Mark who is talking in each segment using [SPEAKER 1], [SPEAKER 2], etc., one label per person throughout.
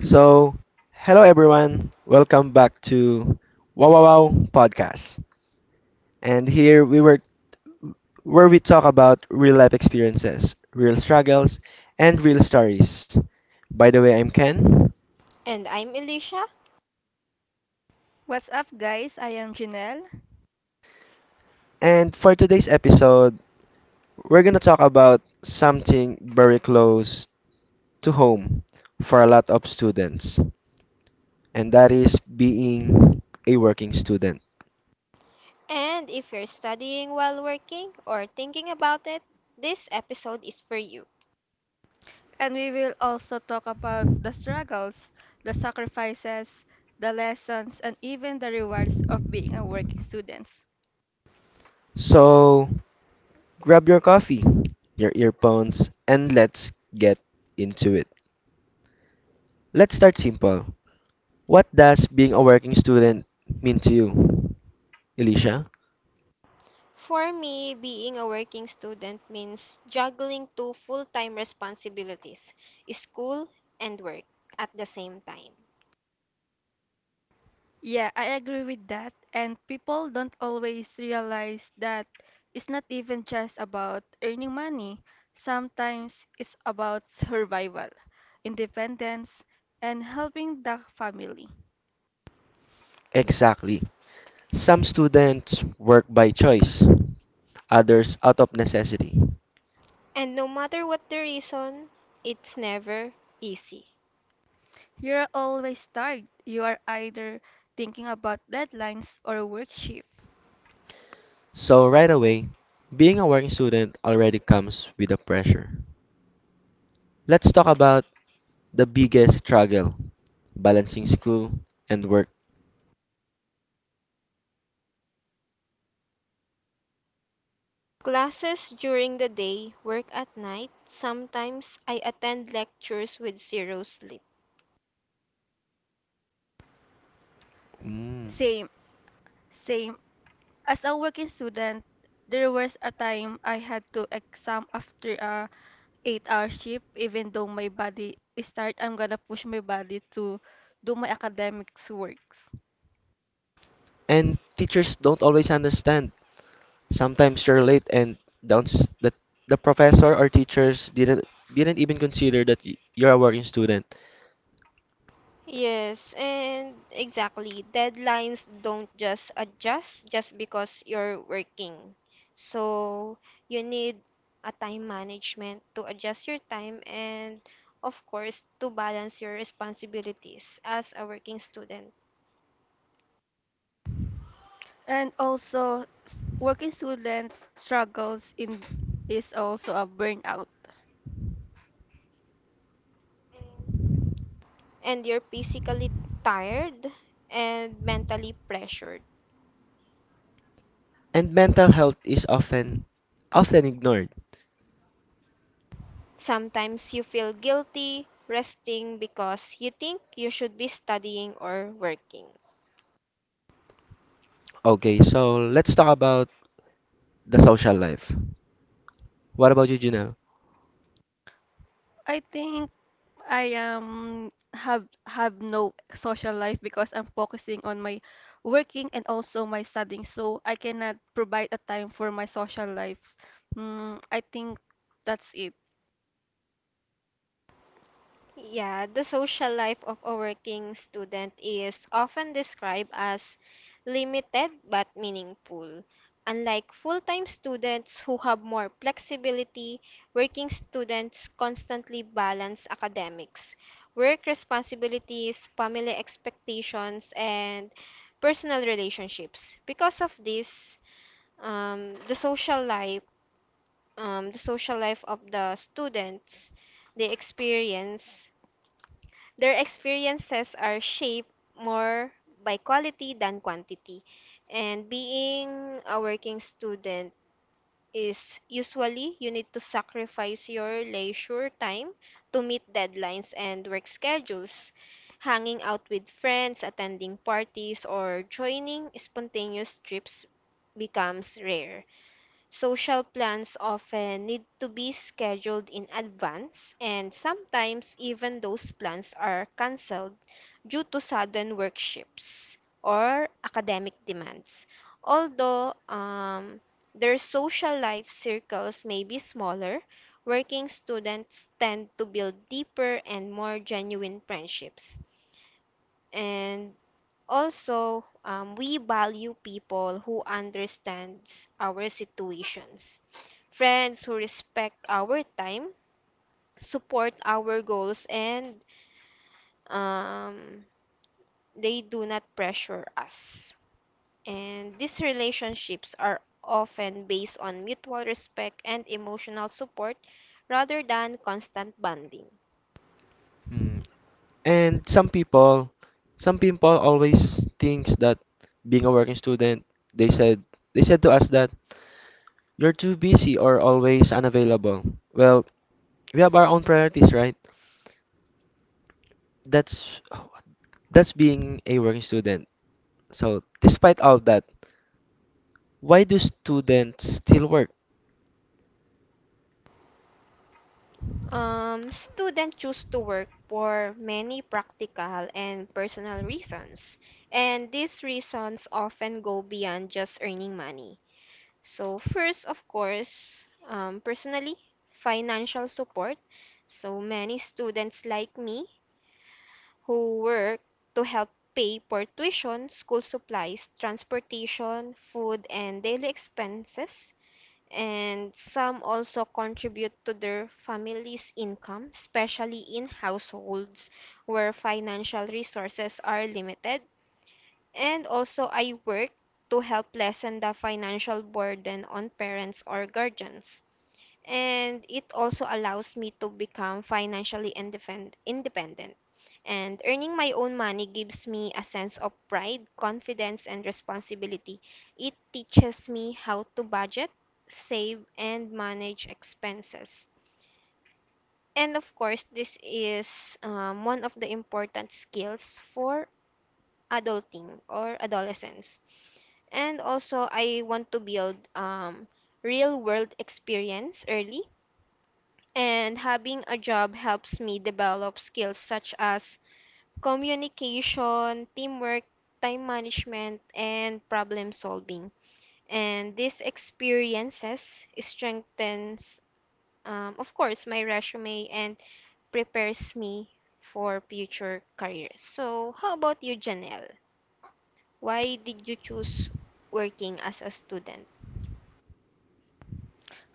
[SPEAKER 1] So, hello everyone. Welcome back to Wow Wow Wow Podcast. And here we were where we talk about real life experiences, real struggles, and real stories. By the way, I'm Ken.
[SPEAKER 2] And I'm Elisha.
[SPEAKER 3] What's up, guys? I am Janelle,
[SPEAKER 1] And for today's episode, we're going to talk about something very close to home for a lot of students, and that is being a working student.
[SPEAKER 2] And if you're studying while working or thinking about it, this episode is for you.
[SPEAKER 3] and we will also talk about the struggles, the sacrifices, the lessons, and even the rewards of being a working student.
[SPEAKER 1] So, grab your coffee, your earphones, and let's get into it. Let's start simple. What does being a working student mean to you, Alicia?
[SPEAKER 2] For me, being a working student means juggling two full time responsibilities, school and work, at the same time.
[SPEAKER 3] Yeah, I agree with that, and people don't always realize that it's not even just about earning money. Sometimes it's about survival, independence, and helping the family.
[SPEAKER 1] Exactly. Some students work by choice, others out of necessity.
[SPEAKER 2] And no matter what the reason, it's never easy.
[SPEAKER 3] You're always tired. You are either thinking about deadlines or work shift.
[SPEAKER 1] So, right away, being a working student already comes with a pressure. Let's talk about the biggest struggle balancing school and work.
[SPEAKER 2] Classes during the day, work at night, sometimes I attend lectures with zero sleep.
[SPEAKER 1] Mm.
[SPEAKER 3] Same, same. As a working student, there was a time I had to exam after a 8-hour shift. Even though my body is tired, I'm gonna push my body to do my academics works.
[SPEAKER 1] And teachers don't always understand. Sometimes you're late and downs that the professor or teachers didn't even consider that you're a working student.
[SPEAKER 2] Yes, and exactly. Deadlines don't just adjust just because you're working. So you need a time management to adjust your time and, of course, to balance your responsibilities as a working student.
[SPEAKER 3] And also, working students struggles in is also a burnout.
[SPEAKER 2] And you're physically tired and mentally pressured.
[SPEAKER 1] And mental health is often ignored.
[SPEAKER 2] Sometimes you feel
[SPEAKER 1] Okay, so let's talk about the social life. What about you, Janelle?
[SPEAKER 3] I think I have no social life because I'm focusing on my working and also my studying, so I cannot provide a time for my social life. Mm, I think that's it.
[SPEAKER 1] Hmm. And some people always thinks that being a working student, they said they said to us that you're too busy or always unavailable. Well, we have our own priorities, right? That's that's being a working student. So, despite all that, why do students still work?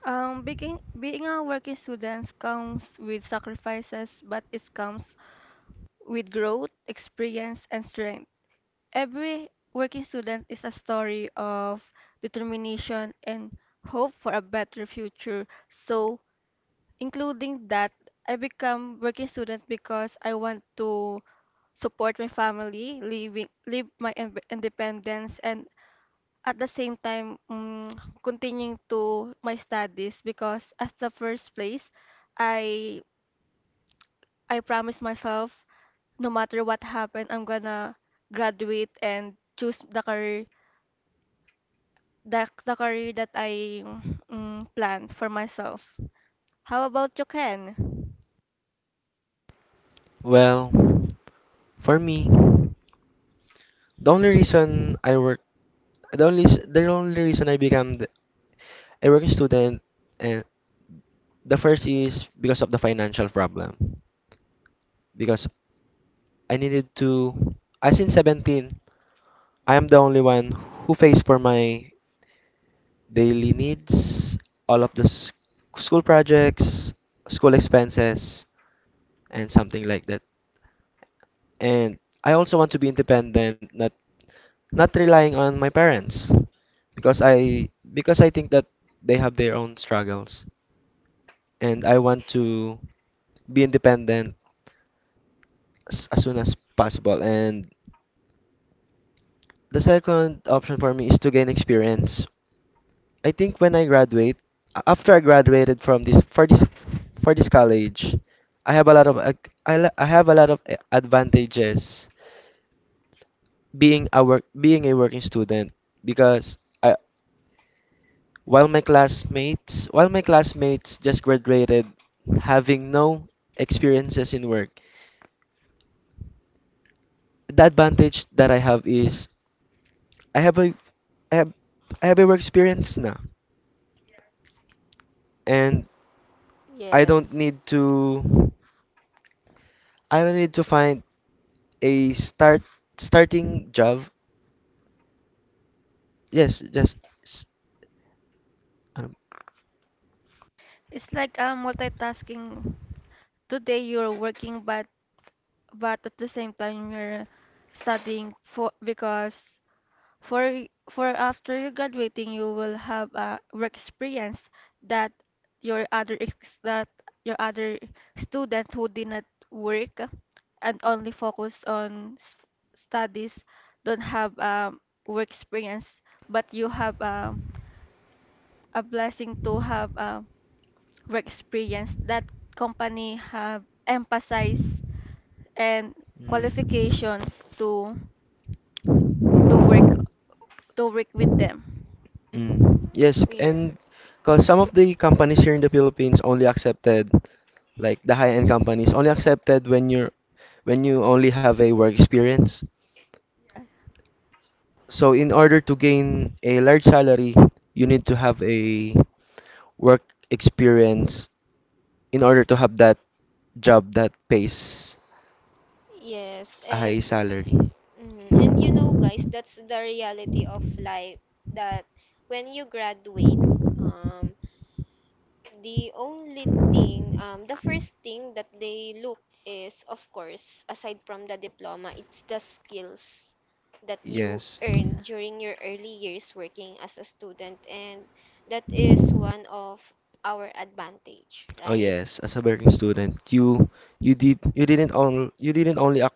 [SPEAKER 3] Being a working student comes with sacrifices, but it comes with growth, experience, and strength. Every working student is a story of determination and hope for a better future. So including that I become working student because I want to support my family, living live my independence, and at the same time continuing to my studies because as the first place, I I promised myself no matter what happened, I'm gonna graduate and choose the career that I planned for myself. How about you, Ken?
[SPEAKER 1] Well, for me, the only reason I work, the only s- the only reason I become the, a working student, and the first is because of the financial problem. Because I needed to, as in 17, I am the only one who pays for my daily needs, all of the school projects, school expenses, and something like that. And I also want to be independent, not relying on my parents because I think that they have their own struggles and I want to be independent as soon as possible. And the second option for me is to gain experience. I think when I graduate, after I graduated from this for this for this college, I have a lot of ac- I, la- I have a lot of a- advantages being a working student because I while my classmates just graduated having no experiences in work. The advantage that I have is I have a I have, I have a work experience now and I don't need to I will need to find a starting job. Yes, s- um,
[SPEAKER 3] It's like multitasking. Today you're working, but at the same time you're studying for because for after you graduating you will have a work experience that your other ex that your other student who did not work and only focus on studies don't have work experience, but you have a blessing to have work experience that company have emphasized and qualifications to work to work with them.
[SPEAKER 1] yes, and because some of the companies here in the Philippines only accepted, like the high-end companies only accepted when you only have a work experience. So in order to gain a large salary, you need to have a work experience in order to have that job that pays a high salary. Yes. Oh yes, as a working student, you didn't only ac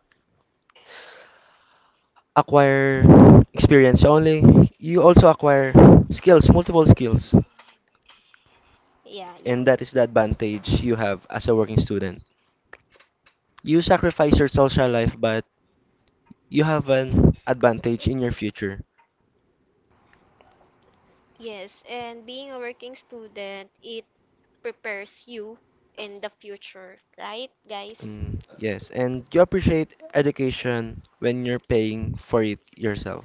[SPEAKER 1] acquire experience, you also acquire skills, multiple skills, and that is the advantage you have as a working student. You sacrifice your social life, but you have an advantage in your future. Mm, yes, and you appreciate education when you're paying for it yourself.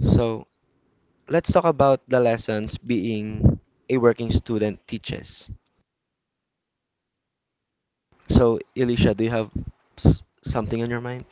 [SPEAKER 1] So let's talk about the lessons being a working student teaches. So, Elisha, do you have something on your mind?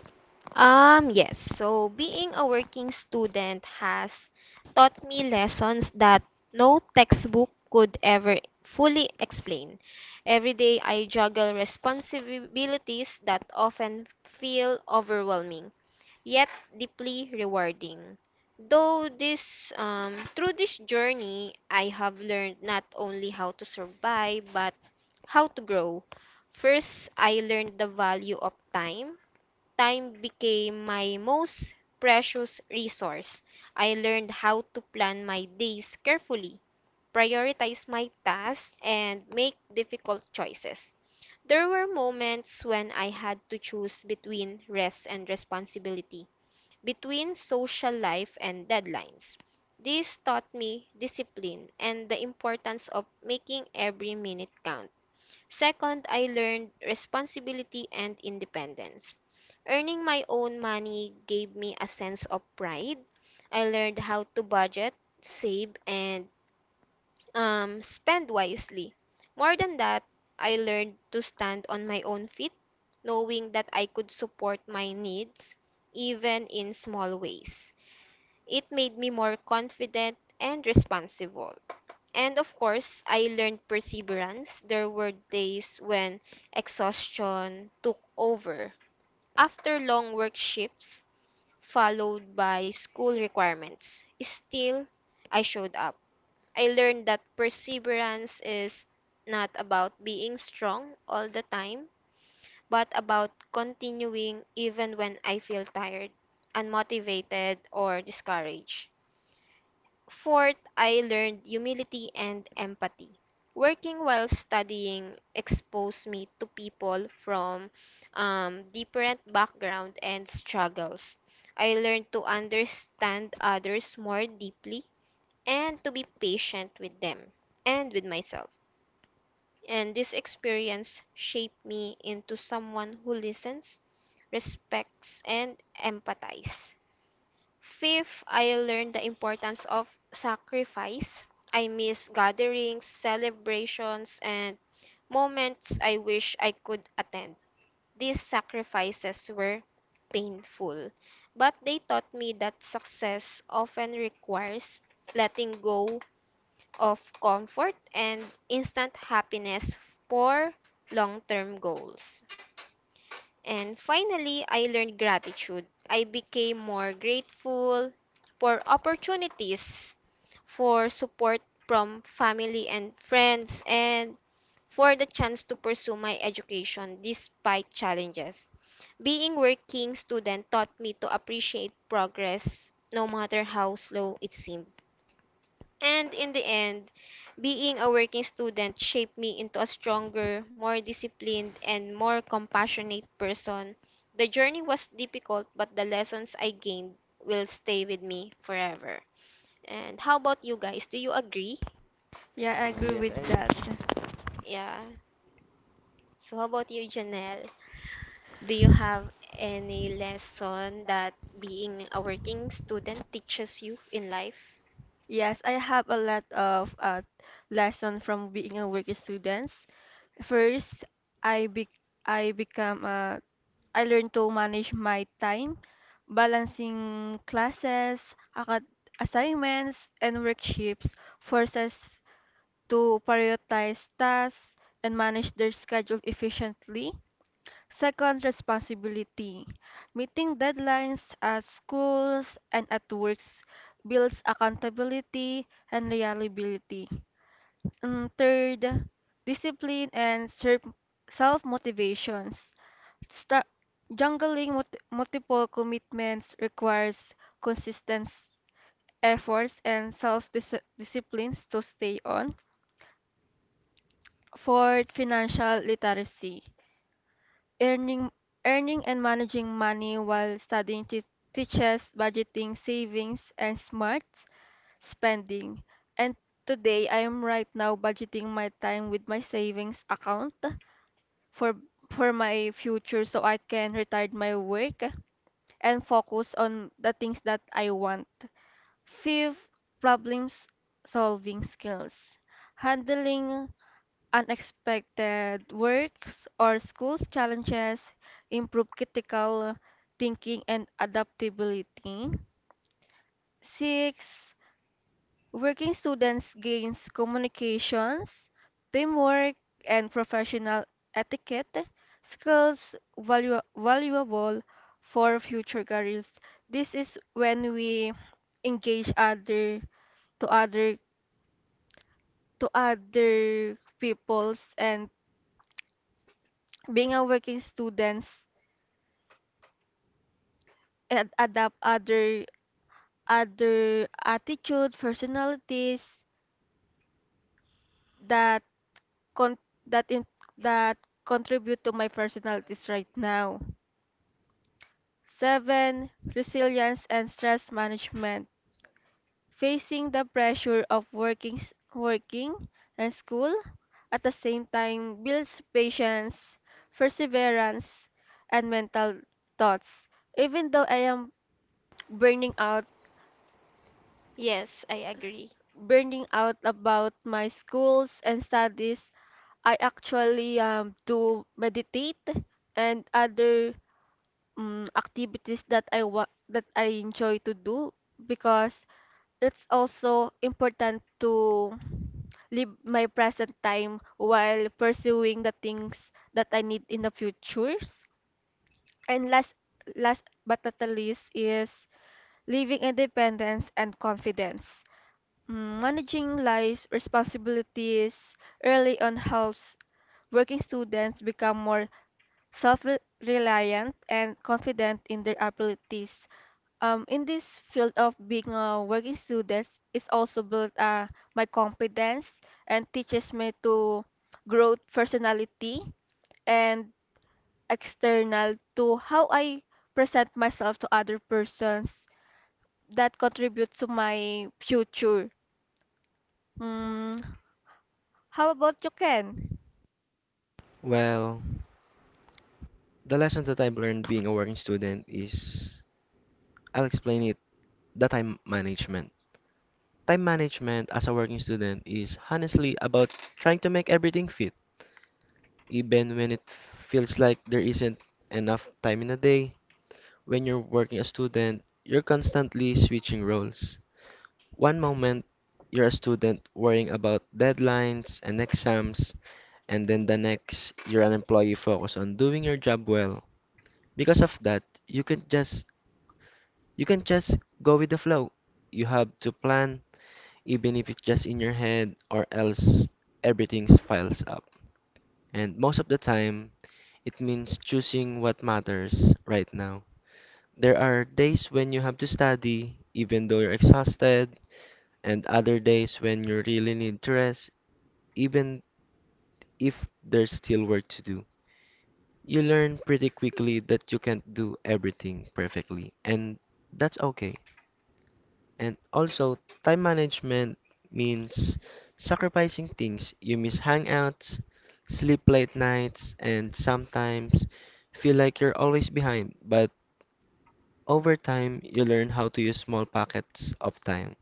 [SPEAKER 3] Yeah, I
[SPEAKER 1] Mm,
[SPEAKER 3] agree
[SPEAKER 1] yes, I
[SPEAKER 3] with that.
[SPEAKER 1] do.
[SPEAKER 3] Yes, I have a lot of lesson from being a working students. First, I be I become a I learned to manage my time, balancing classes, acad assignments, and work shifts forces to prioritize tasks and manage their schedule efficiently. Second, responsibility. Meeting deadlines at schools and at works builds accountability and reliability. And third, discipline and self motivations. Sta Jungling multiple commitments requires consistent efforts and self disciplines to stay on. Fourth, financial literacy. Earning, earning and managing money while studying teaches budgeting, savings, and smart spending. And today, I am right now budgeting my time with my savings account for for my future so I can retire my work and focus on the things that I want. Fifth, problems solving skills. Handling unexpected works or school's challenges improve critical thinking and adaptability. Six, working students gains communications, teamwork, and professional etiquette skills valuable for future careers. This is when we engage other to other to other peoples and being a working students and adapt other attitude personalities that con that in that contribute to my personalities right now. Seven, resilience and stress management. Facing the pressure of working and school at the same time builds patience, perseverance, and mental thoughts. Even though I am burning out burning out about my schools and studies, I actually do meditate and other activities that I enjoy to do because it's also important to live my present time while pursuing the things that I need in the futures. And last but not the least is living independence and confidence. Mm, managing life's responsibilities early on helps working students become more self-reliant and confident in their abilities. In this field of being a working student, it's also built my confidence and teaches me to grow personality and external to how I present myself to other persons that contribute to my future. Mm, how about you, Ken?
[SPEAKER 1] Well, the lessons that I've learned being a working student is I'll explain it the time management. Time management as a working student is honestly about trying to make everything fit, even when it feels like there isn't enough time in a day. When you're working a student, you're constantly switching roles. One moment you're a student worrying about deadlines and exams, and then the next you're an employee focused on doing your job well. Because of that, you can just go with the flow. You have to plan, even if it's just in your head, or else everything piles up. And most of the time, it means choosing what matters right now. There are days when you have to study, even though you're exhausted, and other days when you really need to rest, even if there's still work to do. You learn pretty quickly that you can't do everything perfectly, and that's okay. And also, time management means sacrificing things. You miss hangouts, sleep late nights, and sometimes feel like you're always behind. But over time, you learn how to use small pockets of time.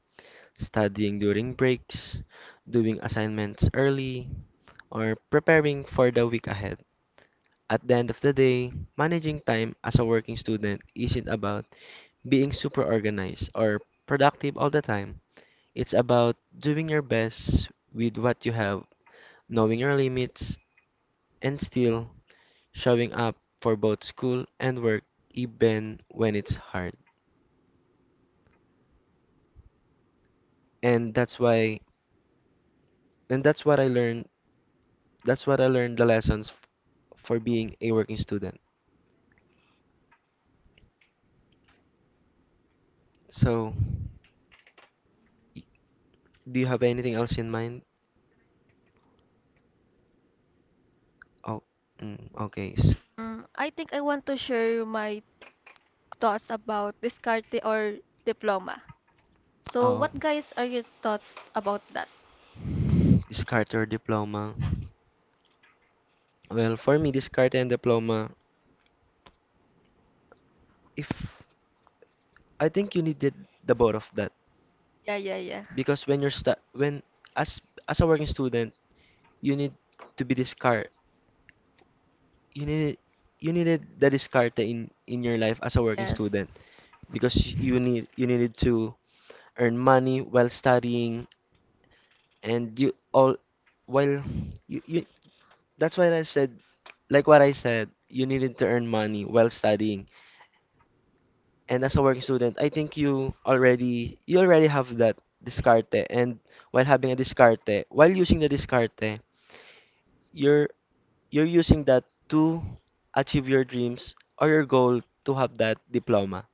[SPEAKER 1] Studying during breaks, doing assignments early, or preparing for the week ahead. At the end of the day, managing time as a working student isn't about being super organized or productive all the time. It's about doing your best with what you have, knowing your limits, and still showing up for both school and work even when it's hard. And that's why and that's what I learned that's what I learned the lessons for being a working student. So, y- do you have anything else in mind? Oh, mm, okay.
[SPEAKER 3] I think I want to share my thoughts about discarte or diploma. So, what
[SPEAKER 1] Um,
[SPEAKER 3] guys are your thoughts about that?
[SPEAKER 1] discard your diploma. Well, for me, discard and diploma. If I think you needed the both of that,
[SPEAKER 3] Yeah, yeah, yeah.
[SPEAKER 1] because when you're stu when as a working student, you need to be discard. You need you needed the discard in your life as a working
[SPEAKER 3] Yes.
[SPEAKER 1] student because you needed to earn money while studying and you all well you that's why I said, like what I said, you needed to earn money while studying and as a working student I think you already have that discarte and while using the discarte you're you're using that to achieve your dreams or your goal to have that diploma.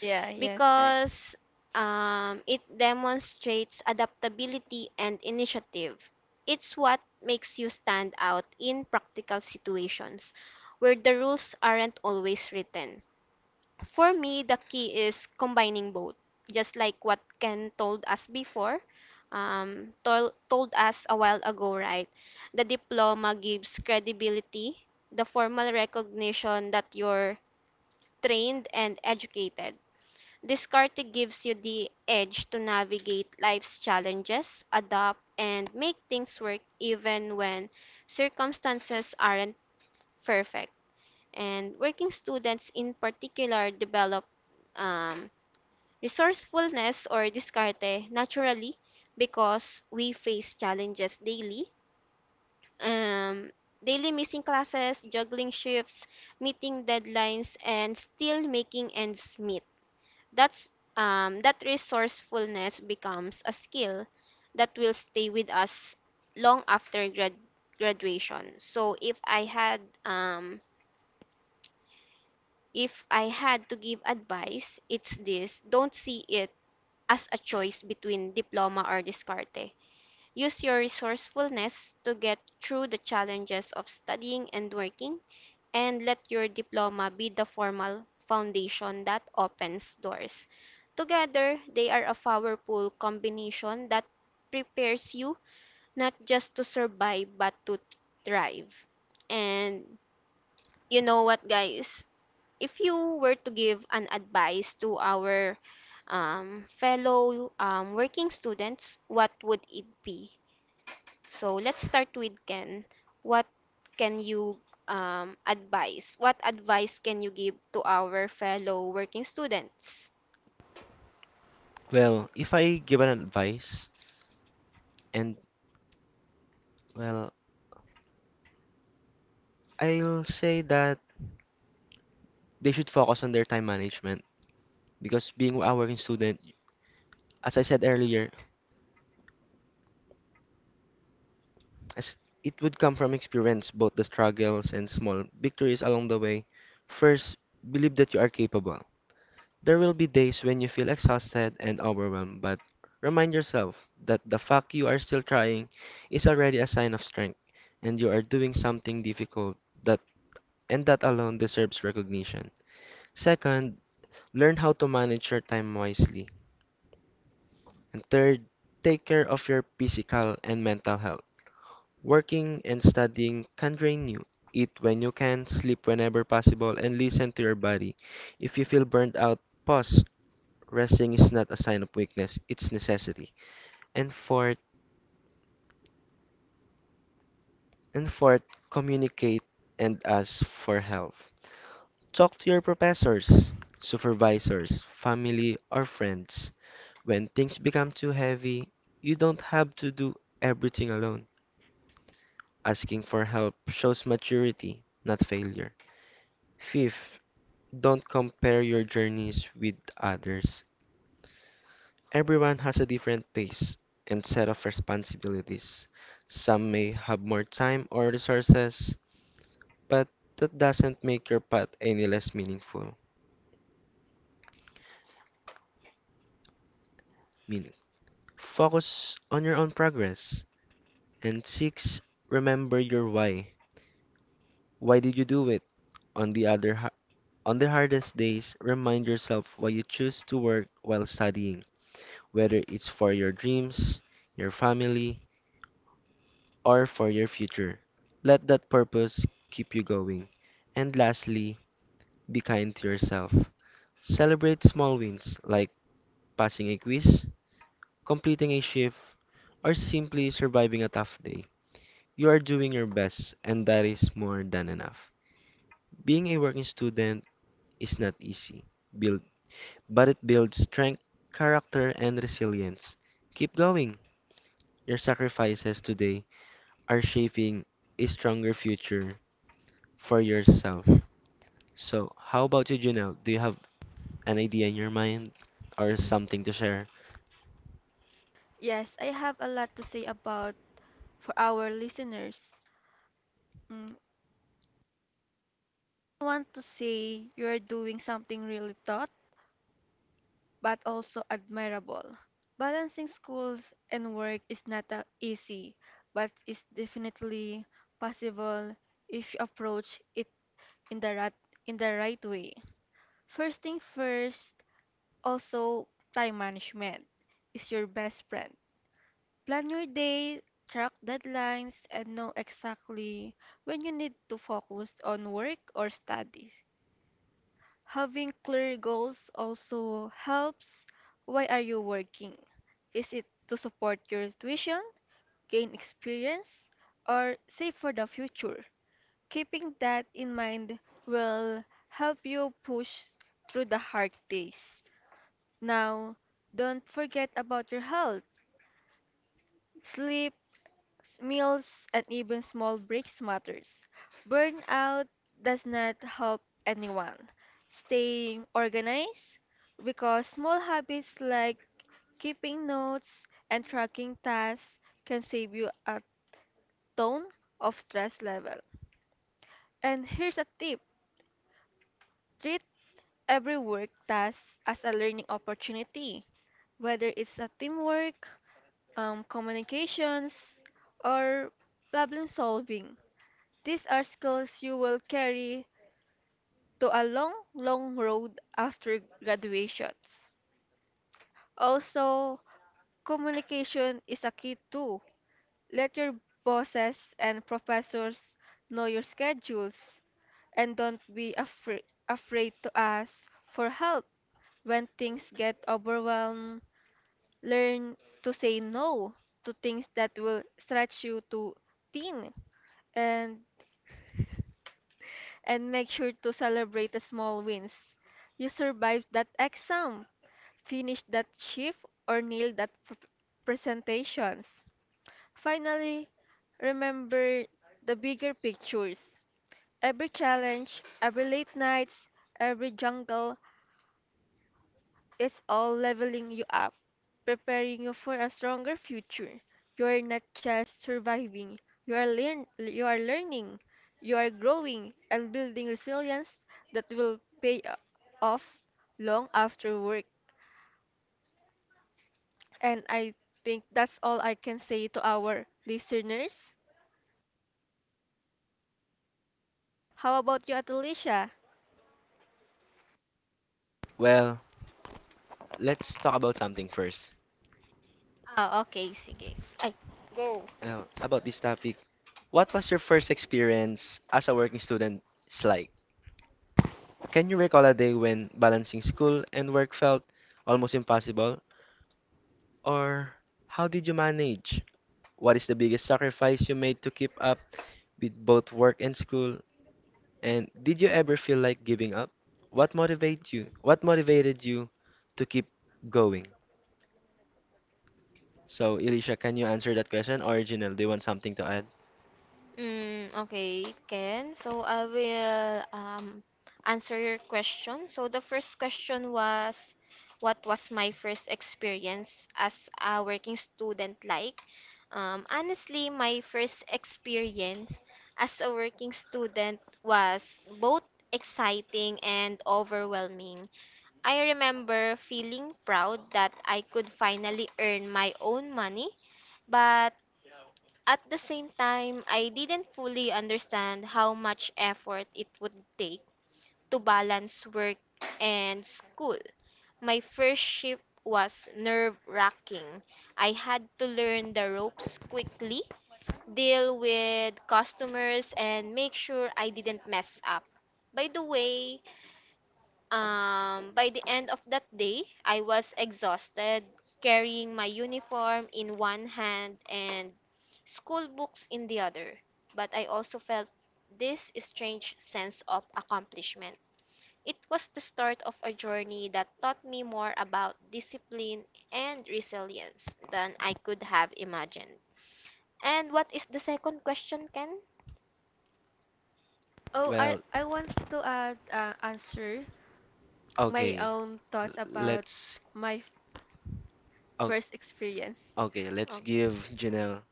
[SPEAKER 3] Yeah, yes.
[SPEAKER 1] Well, if I give an advice, and well, I'll say that they should focus on their time management because being a working student, as I said earlier, as it would come from experience, both the struggles and small victories along the way. First, believe that you are capable. There will be days when you feel exhausted and overwhelmed, but remind yourself that the fact you are still trying is already a sign of strength, and you are doing something difficult that and that alone deserves recognition. Second, learn how to manage your time wisely. And third, take care of your physical and mental health. Working and studying can drain you. Eat when you can, sleep whenever possible, and listen to your body. If you feel burned out, pause. Resting is not a sign of weakness, it's necessity. And fourth, and fourth, communicate and ask for help. Talk to your professors, supervisors, family, or friends. When things become too heavy, you don't have to do everything alone. Asking for help shows maturity, not failure. Fifth, don't compare your journeys with others. Everyone has a different pace and set of responsibilities. Some may have more time or resources, but that doesn't make your path any less meaningful. Meaning, focus on your own progress. And six, remember your why. Why did you do it? On the other ha- on the hardest days, remind yourself why you choose to work while studying, whether it's for your dreams, your family, or for your future. Let that purpose keep you going. And lastly, be kind to yourself. Celebrate small wins like passing a quiz, completing a shift, or simply surviving a tough day. You are doing your best, and that is more than enough. Being a working student is not easy, build, but it builds strength, character, and resilience. Keep going. Your sacrifices today are shaping a stronger future for yourself. So, how about you, Junel? Do you have an idea in your mind or
[SPEAKER 3] Y-
[SPEAKER 1] something to share?
[SPEAKER 3] yes, I have a lot to say about for our listeners. Mm, I want to say you are doing something really tough but also admirable. Balancing schools and work is not easy, but it's definitely possible if you approach it in the right, in the right way. First thing first, also time management is your best friend. Plan your day, track deadlines, and know exactly when you need to focus on work or studies. Having clear goals also helps. Why are you working? Is it to support your tuition, gain experience, or save for the future? Keeping that in mind will help you push through the hard days. Now, don't forget about your health. Sleep, meals, and even small breaks matters. Burnout does not help anyone. Staying organized because small habits like keeping notes and tracking tasks can save you a ton of stress level. And here's a tip. Treat every work task as a learning opportunity, whether it's a teamwork, communications, or problem solving. These are skills you will carry to a long, long road after graduations. Also, communication is a key too. Let your bosses and professors know your schedules and don't be afraid to ask for help when things get overwhelmed. Learn to say no to things that will stretch you too thin and and make sure to celebrate the small wins. You survived that exam, finished that shift, or nailed that presentations. Finally, remember the bigger pictures. Every challenge, every late nights, every jungle it's all leveling you up, preparing you for a stronger future. You are not just surviving, you are learning, you are growing and building resilience that will pay off long after work. And I think that's all I can say to our listeners. How about you, Atalicia?
[SPEAKER 1] Well, let's talk about something first. About this topic, what was your first experience as a working student like? Can you recall a day when balancing school and work felt almost impossible? Or how did you manage? What is the biggest sacrifice you made to keep up with both work and school? And did you ever feel like giving up? What motivates you? What motivated you to keep going? So, Elisha, can you answer that question? Or Janelle, do you want something to add?
[SPEAKER 3] Oh, I,
[SPEAKER 1] Well,
[SPEAKER 3] I want to add answer my
[SPEAKER 1] okay.
[SPEAKER 3] own thoughts about
[SPEAKER 1] Let's
[SPEAKER 3] my
[SPEAKER 1] o-
[SPEAKER 3] first experience.
[SPEAKER 1] okay, let's give Janelle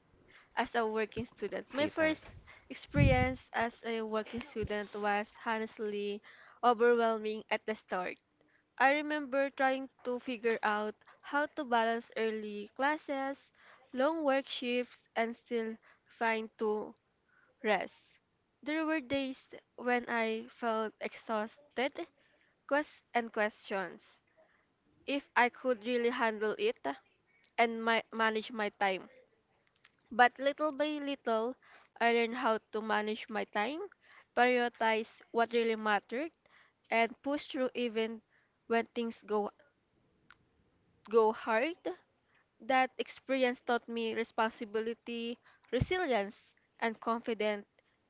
[SPEAKER 3] As a working student. My
[SPEAKER 1] a time.
[SPEAKER 3] first experience as a working student was honestly overwhelming at the start. I remember trying to figure out how to balance early classes, long work shifts, and still find to rest. There were days when I felt exhausted and questions if I could really handle it and manage my time. But little by little, I learned how to manage my time, prioritize what really mattered, and push through even when things go hard. That experience taught me responsibility, resilience, and confidence.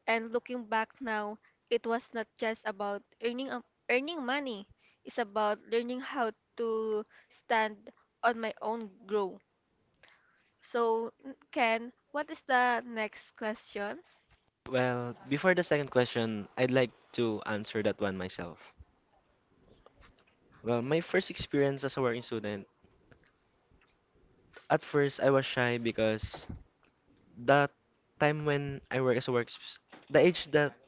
[SPEAKER 3] And looking back now, it was not just about earning money. It's about learning how to stand on my own grow. So, Ken, what is the next questions?
[SPEAKER 1] Well, before the second question, I'd like to answer that one myself. Well, my first experience as a working student, at first I was shy because that time when I work as a work the age that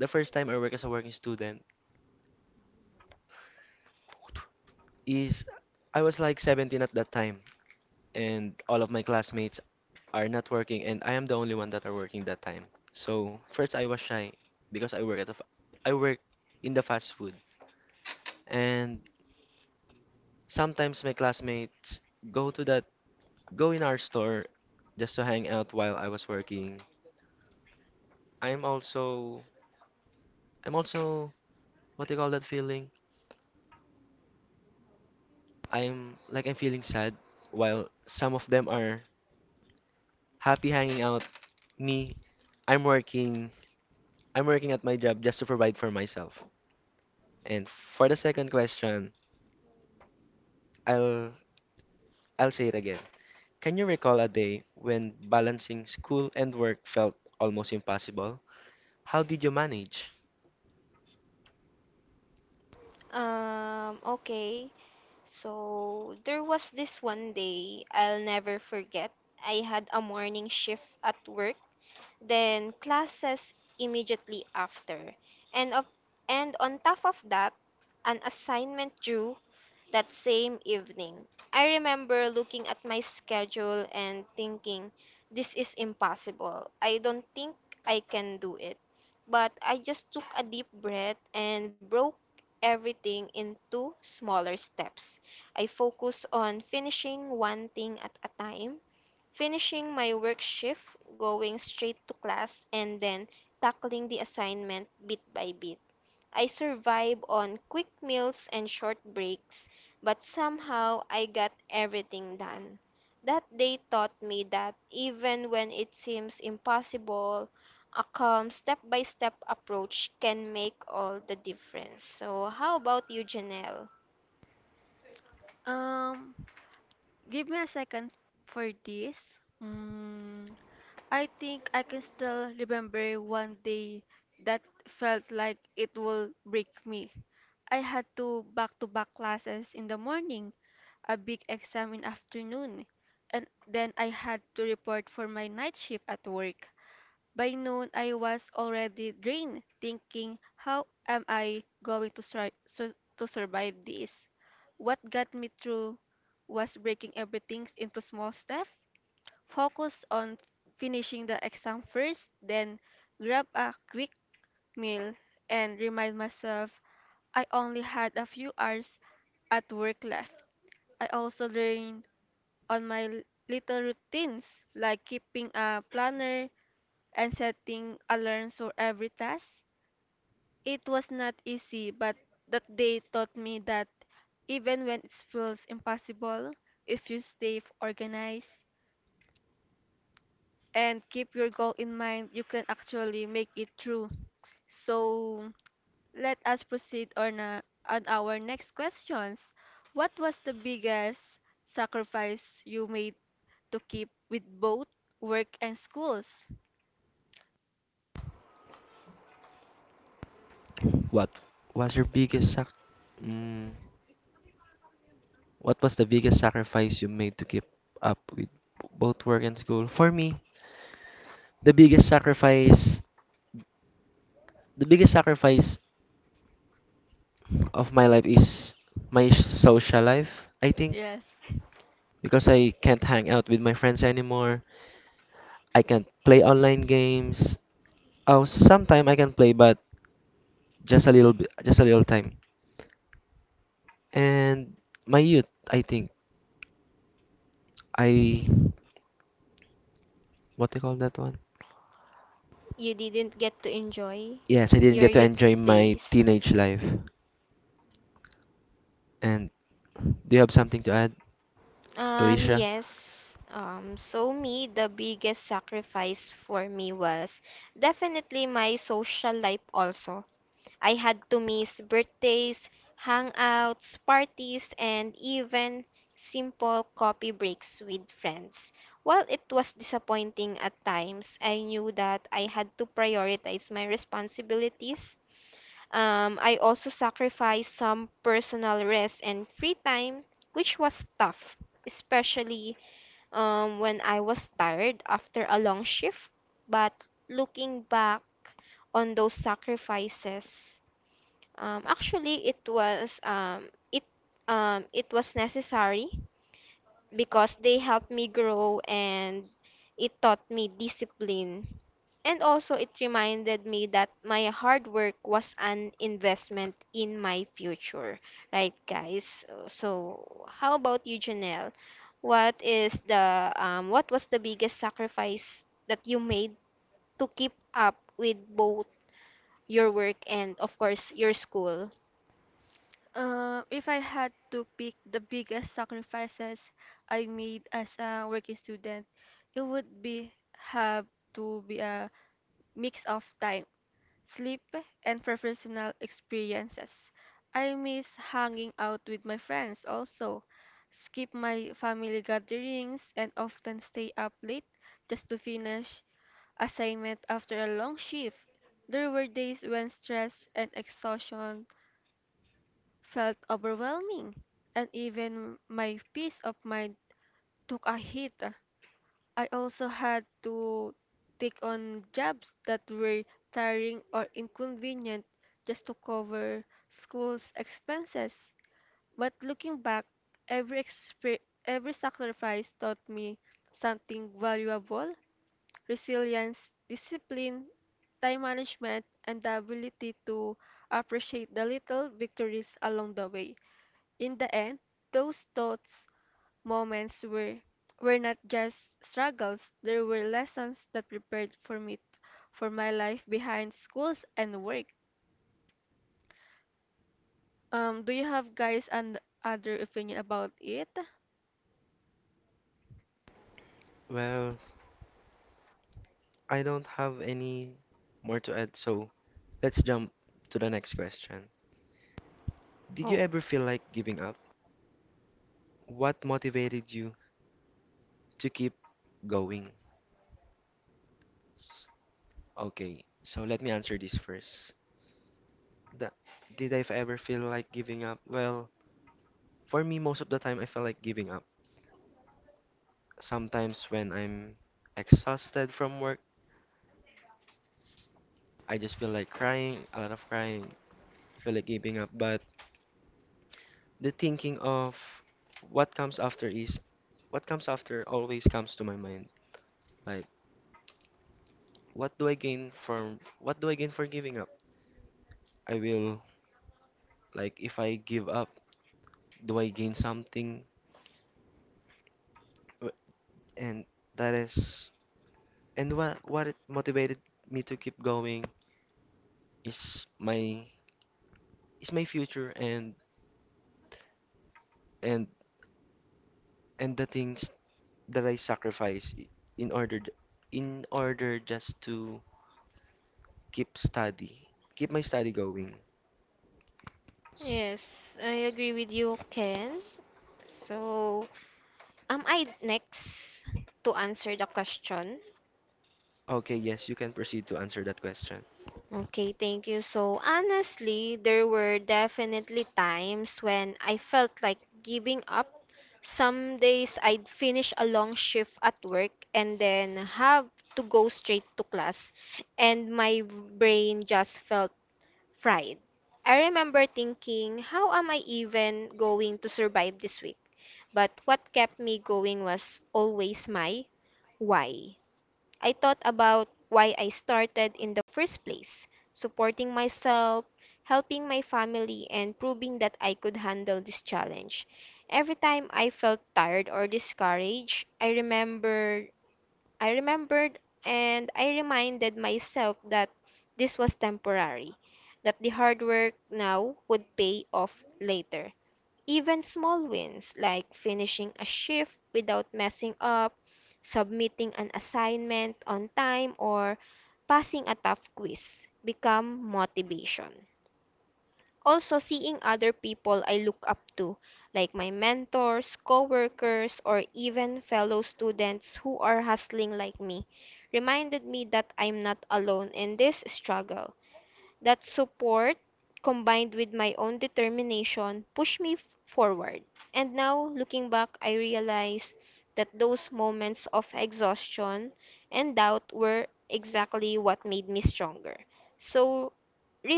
[SPEAKER 1] the first time I work as a working student is I was like 17 at that time, and all of my classmates are not working, and I am the only one that are working that time. So first I was shy because I work at a f I work in the fast food, and sometimes my classmates go to that go in our store just to hang out while I was working. I'm also I'm also what do you call that feeling? I'm like I'm feeling sad while some of them are happy hanging out. Me, I'm working. I'm working at my job just to provide for myself. And for the second question, I'll I'll say it again. Can you recall a day when balancing school and work felt almost impossible? How did you manage?
[SPEAKER 3] Um, give me a second for this. Mm, I think I can still remember one day that felt like it will break me. I had two back-to-back classes in the morning, a big exam in afternoon, and then I had to report for my night shift at work. By noon, I was already drained, thinking, how am I going to, to survive this? What got me through was breaking everything into small steps, focus on finishing the exam first, then grab a quick meal and remind myself I only had a few hours at work left. I also learned on my little routines like keeping a planner and setting alarms for every task. It was not easy, but that day taught me that even when it feels impossible, if you stay organized and keep your goal in mind, you can actually make it through. So let us proceed on our next questions. What was the biggest sacrifice you made to keep with both work and schools?
[SPEAKER 1] What was your biggest sac mm, what was the biggest sacrifice you made to keep up with both work and school? For me, the biggest sacrifice the biggest sacrifice of my life is my social life, I think,
[SPEAKER 3] Yes.
[SPEAKER 1] because I can't hang out with my friends anymore. I can't play online games. Oh, sometime I can play, but just a little bit, just a little time. And my youth, I think, I what do you call that one? Yes, I didn't get to enjoy my teenage life. And do you have something to add, Alicia?
[SPEAKER 3] If I had to pick the biggest sacrifices I made as a working student, it would be have to be a mix of time, sleep, and professional experiences. I miss hanging out with my friends also, skip my family gatherings, and often stay up late just to finish assignment after a long shift. There were days when stress and exhaustion felt overwhelming, and even my peace of mind took a hit. I also had to take on jobs that were tiring or inconvenient just to cover school's expenses. But looking back, every sacrifice taught me something valuable: resilience, discipline, time management, and the ability to appreciate the little victories along the way. In the end, those thoughts, moments were not just struggles, there were lessons that prepared for me for my life behind schools and work. Do you have guys and other opinion about it?
[SPEAKER 1] Well, I don't have any more to add, so let's jump to the next question. Did you ever feel like giving up? What motivated you to keep going? S- Okay, so let me answer this first. The, did I ever feel like giving up? Well, for me, most of the time, I felt like giving up. Sometimes when I'm exhausted from work, I just feel like crying, a lot of crying, I feel like giving up. But the thinking of what comes after is what comes after always comes to my mind, like what do I gain for giving up? I will like If I give up, do I gain something? W- and that is and What it motivated me to keep going is my future, and and the things that I sacrifice I- in order j- in order just to keep study keep my study going. Okay, yes, you can proceed to answer that question.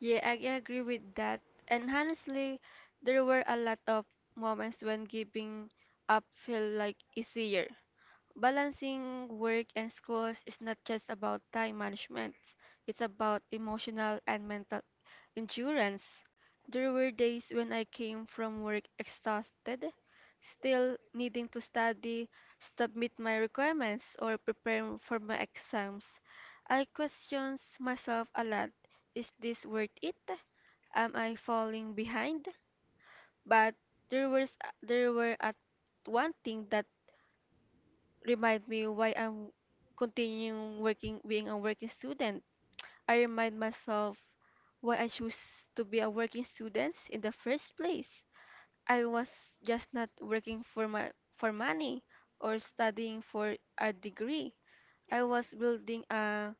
[SPEAKER 3] Yeah, I agree with that. And honestly, there were a lot of moments when giving up felt like easier. Balancing work and schools is not just about time management, it's about emotional and mental endurance. There were days when I came from work exhausted, still needing to study, submit my requirements, or prepare for my exams. I questioned myself a lot. Is this worth it? Am I falling behind? But there was there were at one thing that remind me why I'm continuing working being a working student. I remind myself why I choose to be a working student in the first place. I was just not working for money or studying for a degree. I was building a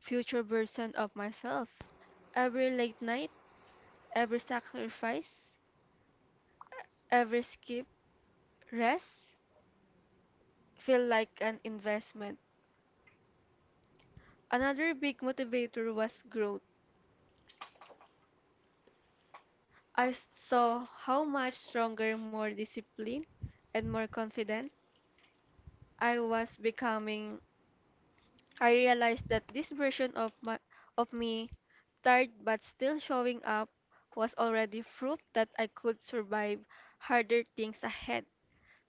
[SPEAKER 3] future version of myself. Every late night, every sacrifice, every skip, rest feel like an investment. Another big motivator was growth. Saw how much stronger, more disciplined, and more confident I was becoming. I realized that this version of me, tired but still showing up, was already proof that I could survive harder things ahead.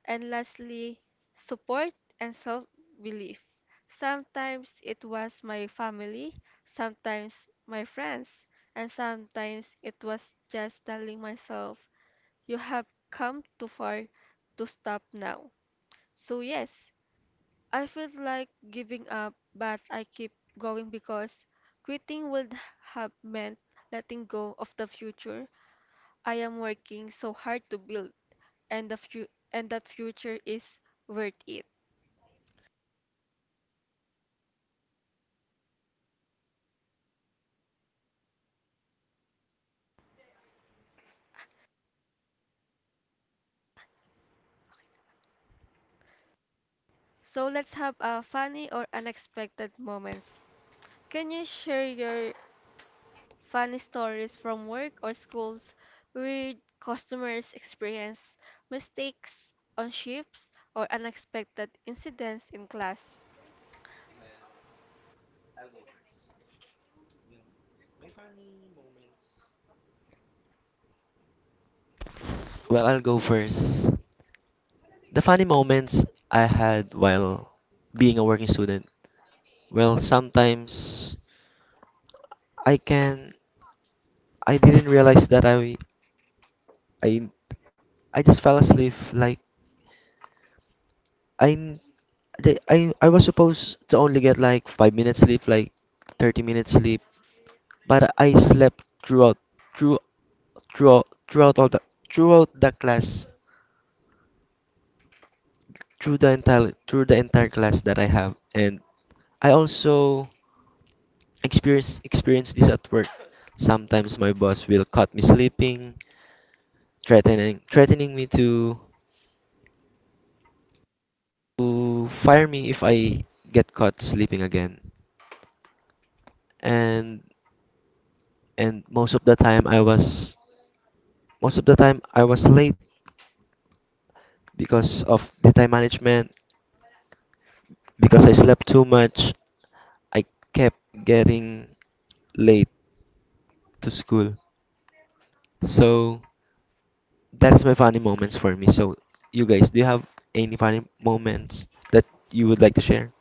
[SPEAKER 3] And lastly, support and self-belief. Sometimes it was my family, sometimes my friends, and sometimes it was just telling myself you have come too far to stop now. So, yes, I feel like giving up, but I keep going because quitting would have meant letting go of the future I am working so hard to build, and and that future is worth it. So, let's have a funny or unexpected moments. Can you share your funny stories from work or schools, weird customers' experience, mistakes on ships, or unexpected incidents in class.
[SPEAKER 1] Well, I'll go first. The funny moments I had while being a working student. Well, sometimes I can I didn't realize that I I just fell asleep, like I'm I was supposed to only get like 5 minutes sleep, like 30 minutes sleep, but I slept through throughout throughout all the throughout the class through the entire class that I have, and I also experience this at work. Sometimes my boss will cut me sleeping, threatening me to fire me if I get caught sleeping again. And and Most of the time I was late because of the time management, because I slept too much. I kept getting late to school, so that is my funny moments for me. So you guys, do you have any funny moments that you would like to share?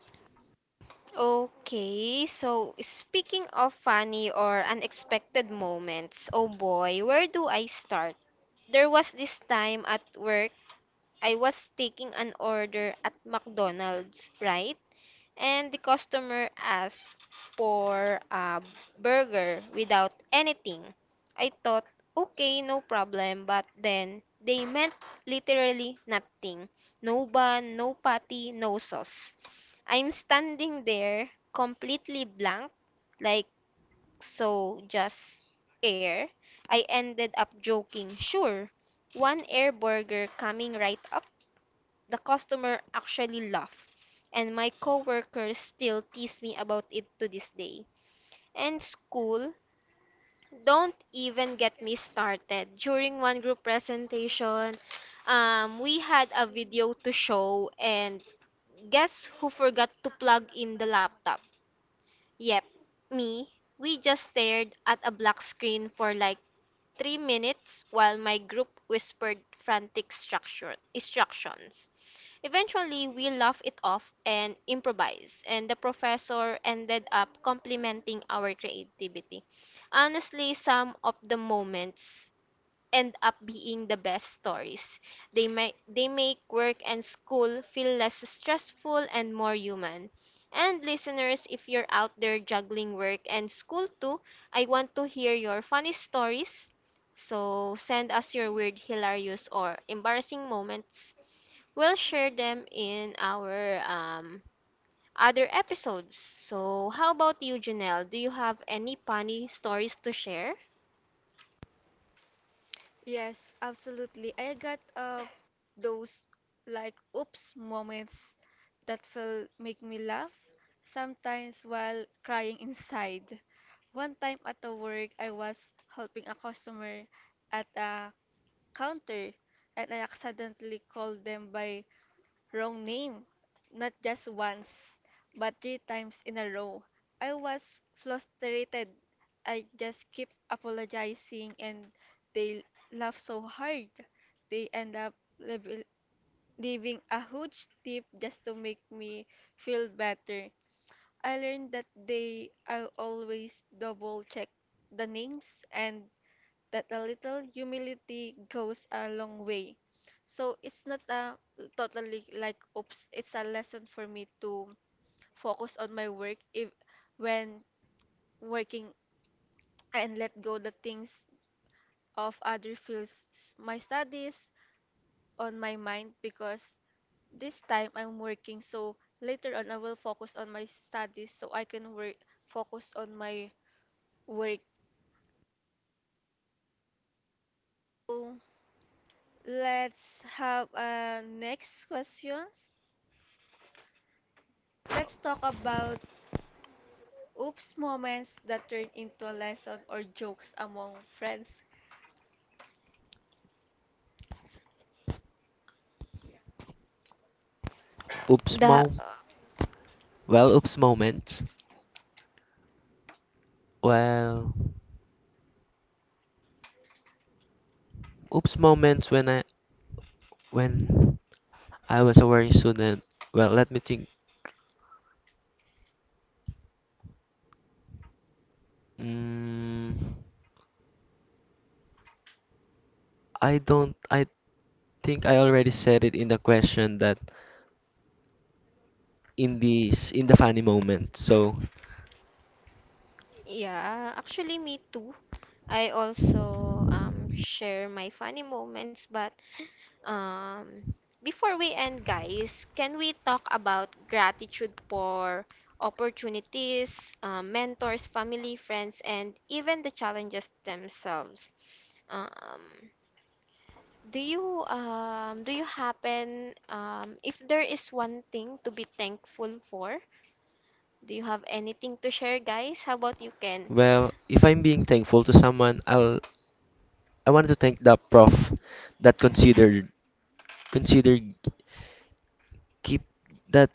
[SPEAKER 3] Yes, absolutely. I got those like oops moments that will make me laugh, sometimes while crying inside. One time at the work, I was helping a customer at a counter and I accidentally called them by wrong name. Not just once, but three times in a row. I was frustrated. I just kept apologizing and they laughed so hard. They end up lev- leaving a huge tip just to make me feel better. I learned that they I always double check the names and that a little humility goes a long way. So it's not a totally like oops, it's a lesson for me to focus on my work if when working and let go the things of other fields my studies on my mind because this time I'm working so later on I will focus on my studies so I can work focus on my work. So let's have a next questions. Let's talk about oops moments that turn into a lesson or jokes among friends.
[SPEAKER 1] Oops mom well oops moments well Oops moments when when I was a worrying student, well let me think. Mm, I don't. I think I already said it in the question, that in these in the funny moment. So, well, if I'm being thankful to someone, I wanted to thank the prof that considered considered keep that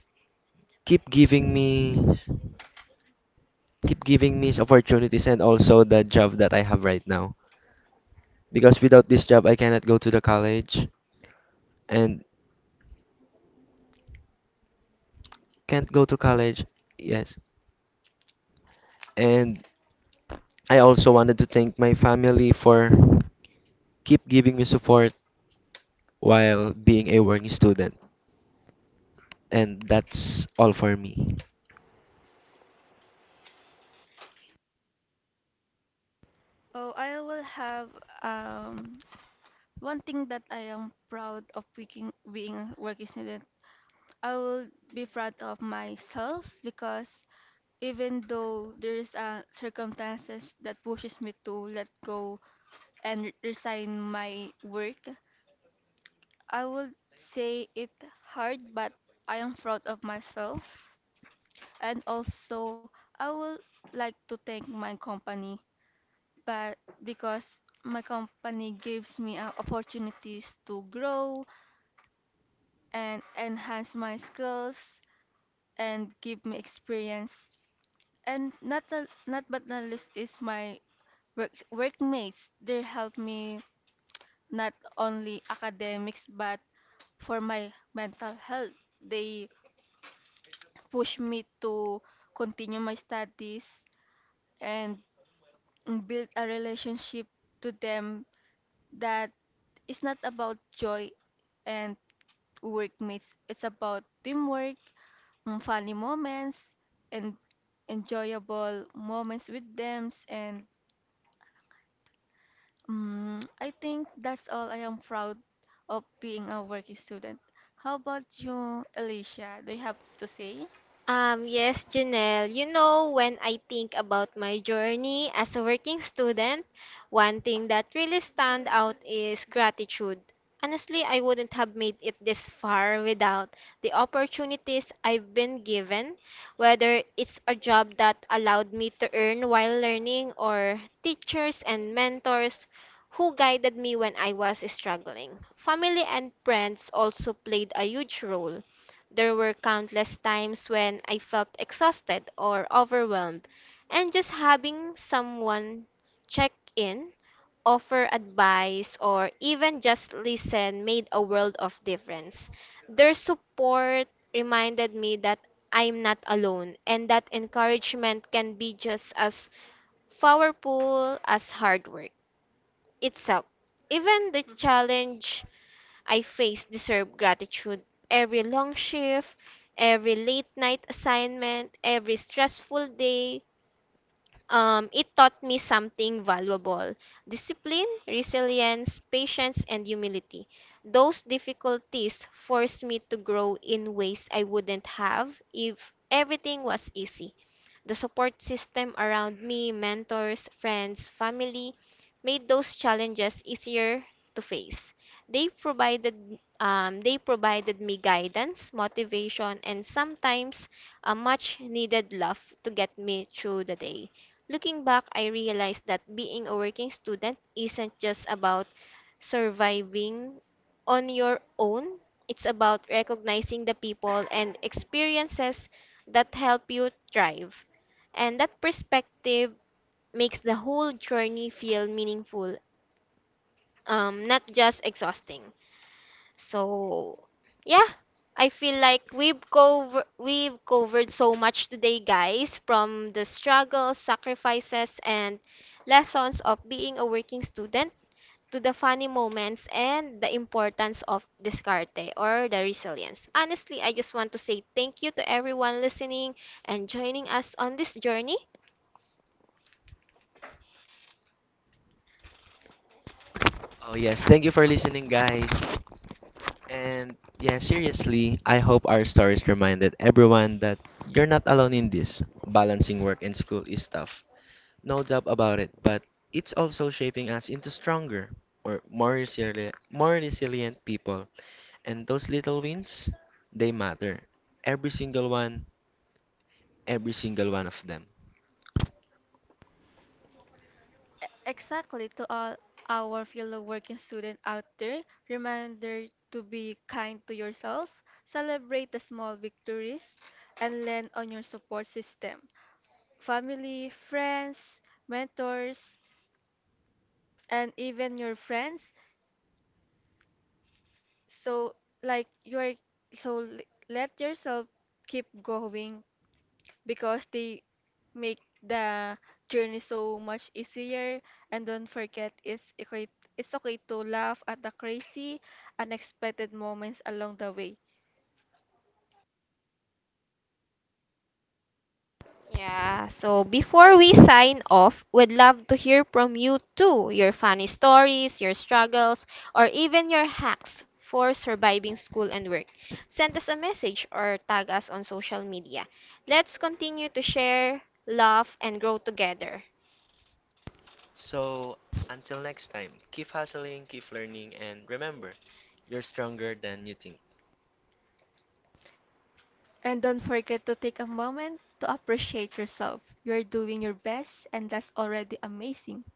[SPEAKER 1] keep giving me keep giving me opportunities, and also the job that I have right now. Because without this job, I cannot go to the college and can't go to college. Yes. And I also wanted to thank my family for keep giving me support while being a working student. And that's all for me.
[SPEAKER 3] Oh, I will have um one thing that I am proud of being a working student. I will be proud of myself because even though there's circumstances that pushes me to let go and resign my work, I will say it hard, but I am proud of myself and also I would like to thank my company, but because my company gives me opportunities to grow and enhance my skills and give me experience. And not but not least is my workmates. They help me not only academics but for my mental health. They push me to continue my studies and and build a relationship to them that is not about joy and workmates. It's about teamwork, funny moments, and enjoyable moments with them. And I think that's all I am proud of being a working student. How about you, Alicia? Do you have to say?
[SPEAKER 1] Oh yes, thank you for listening guys. And yeah, seriously, I hope our stories reminded everyone that you're not alone in this. Balancing work and school is tough. No doubt about it, but it's also shaping us into stronger or more resilient people. And those little wins, they matter. Every single one, every single one of them.
[SPEAKER 3] Exactly, to all our fellow working students out there, reminder to be kind to yourself, celebrate the small victories, and lean on your support system. Family, friends, mentors, and even your friends. So, like, you're so l- Let yourself keep going because they make the journey so much easier. And don't forget, it's okay to laugh at the crazy, unexpected moments along the way.
[SPEAKER 1] So, until next time, keep hustling, keep learning, and remember, you're stronger than you think.
[SPEAKER 3] And don't forget to take a moment to appreciate yourself. You're doing your best, and that's already amazing.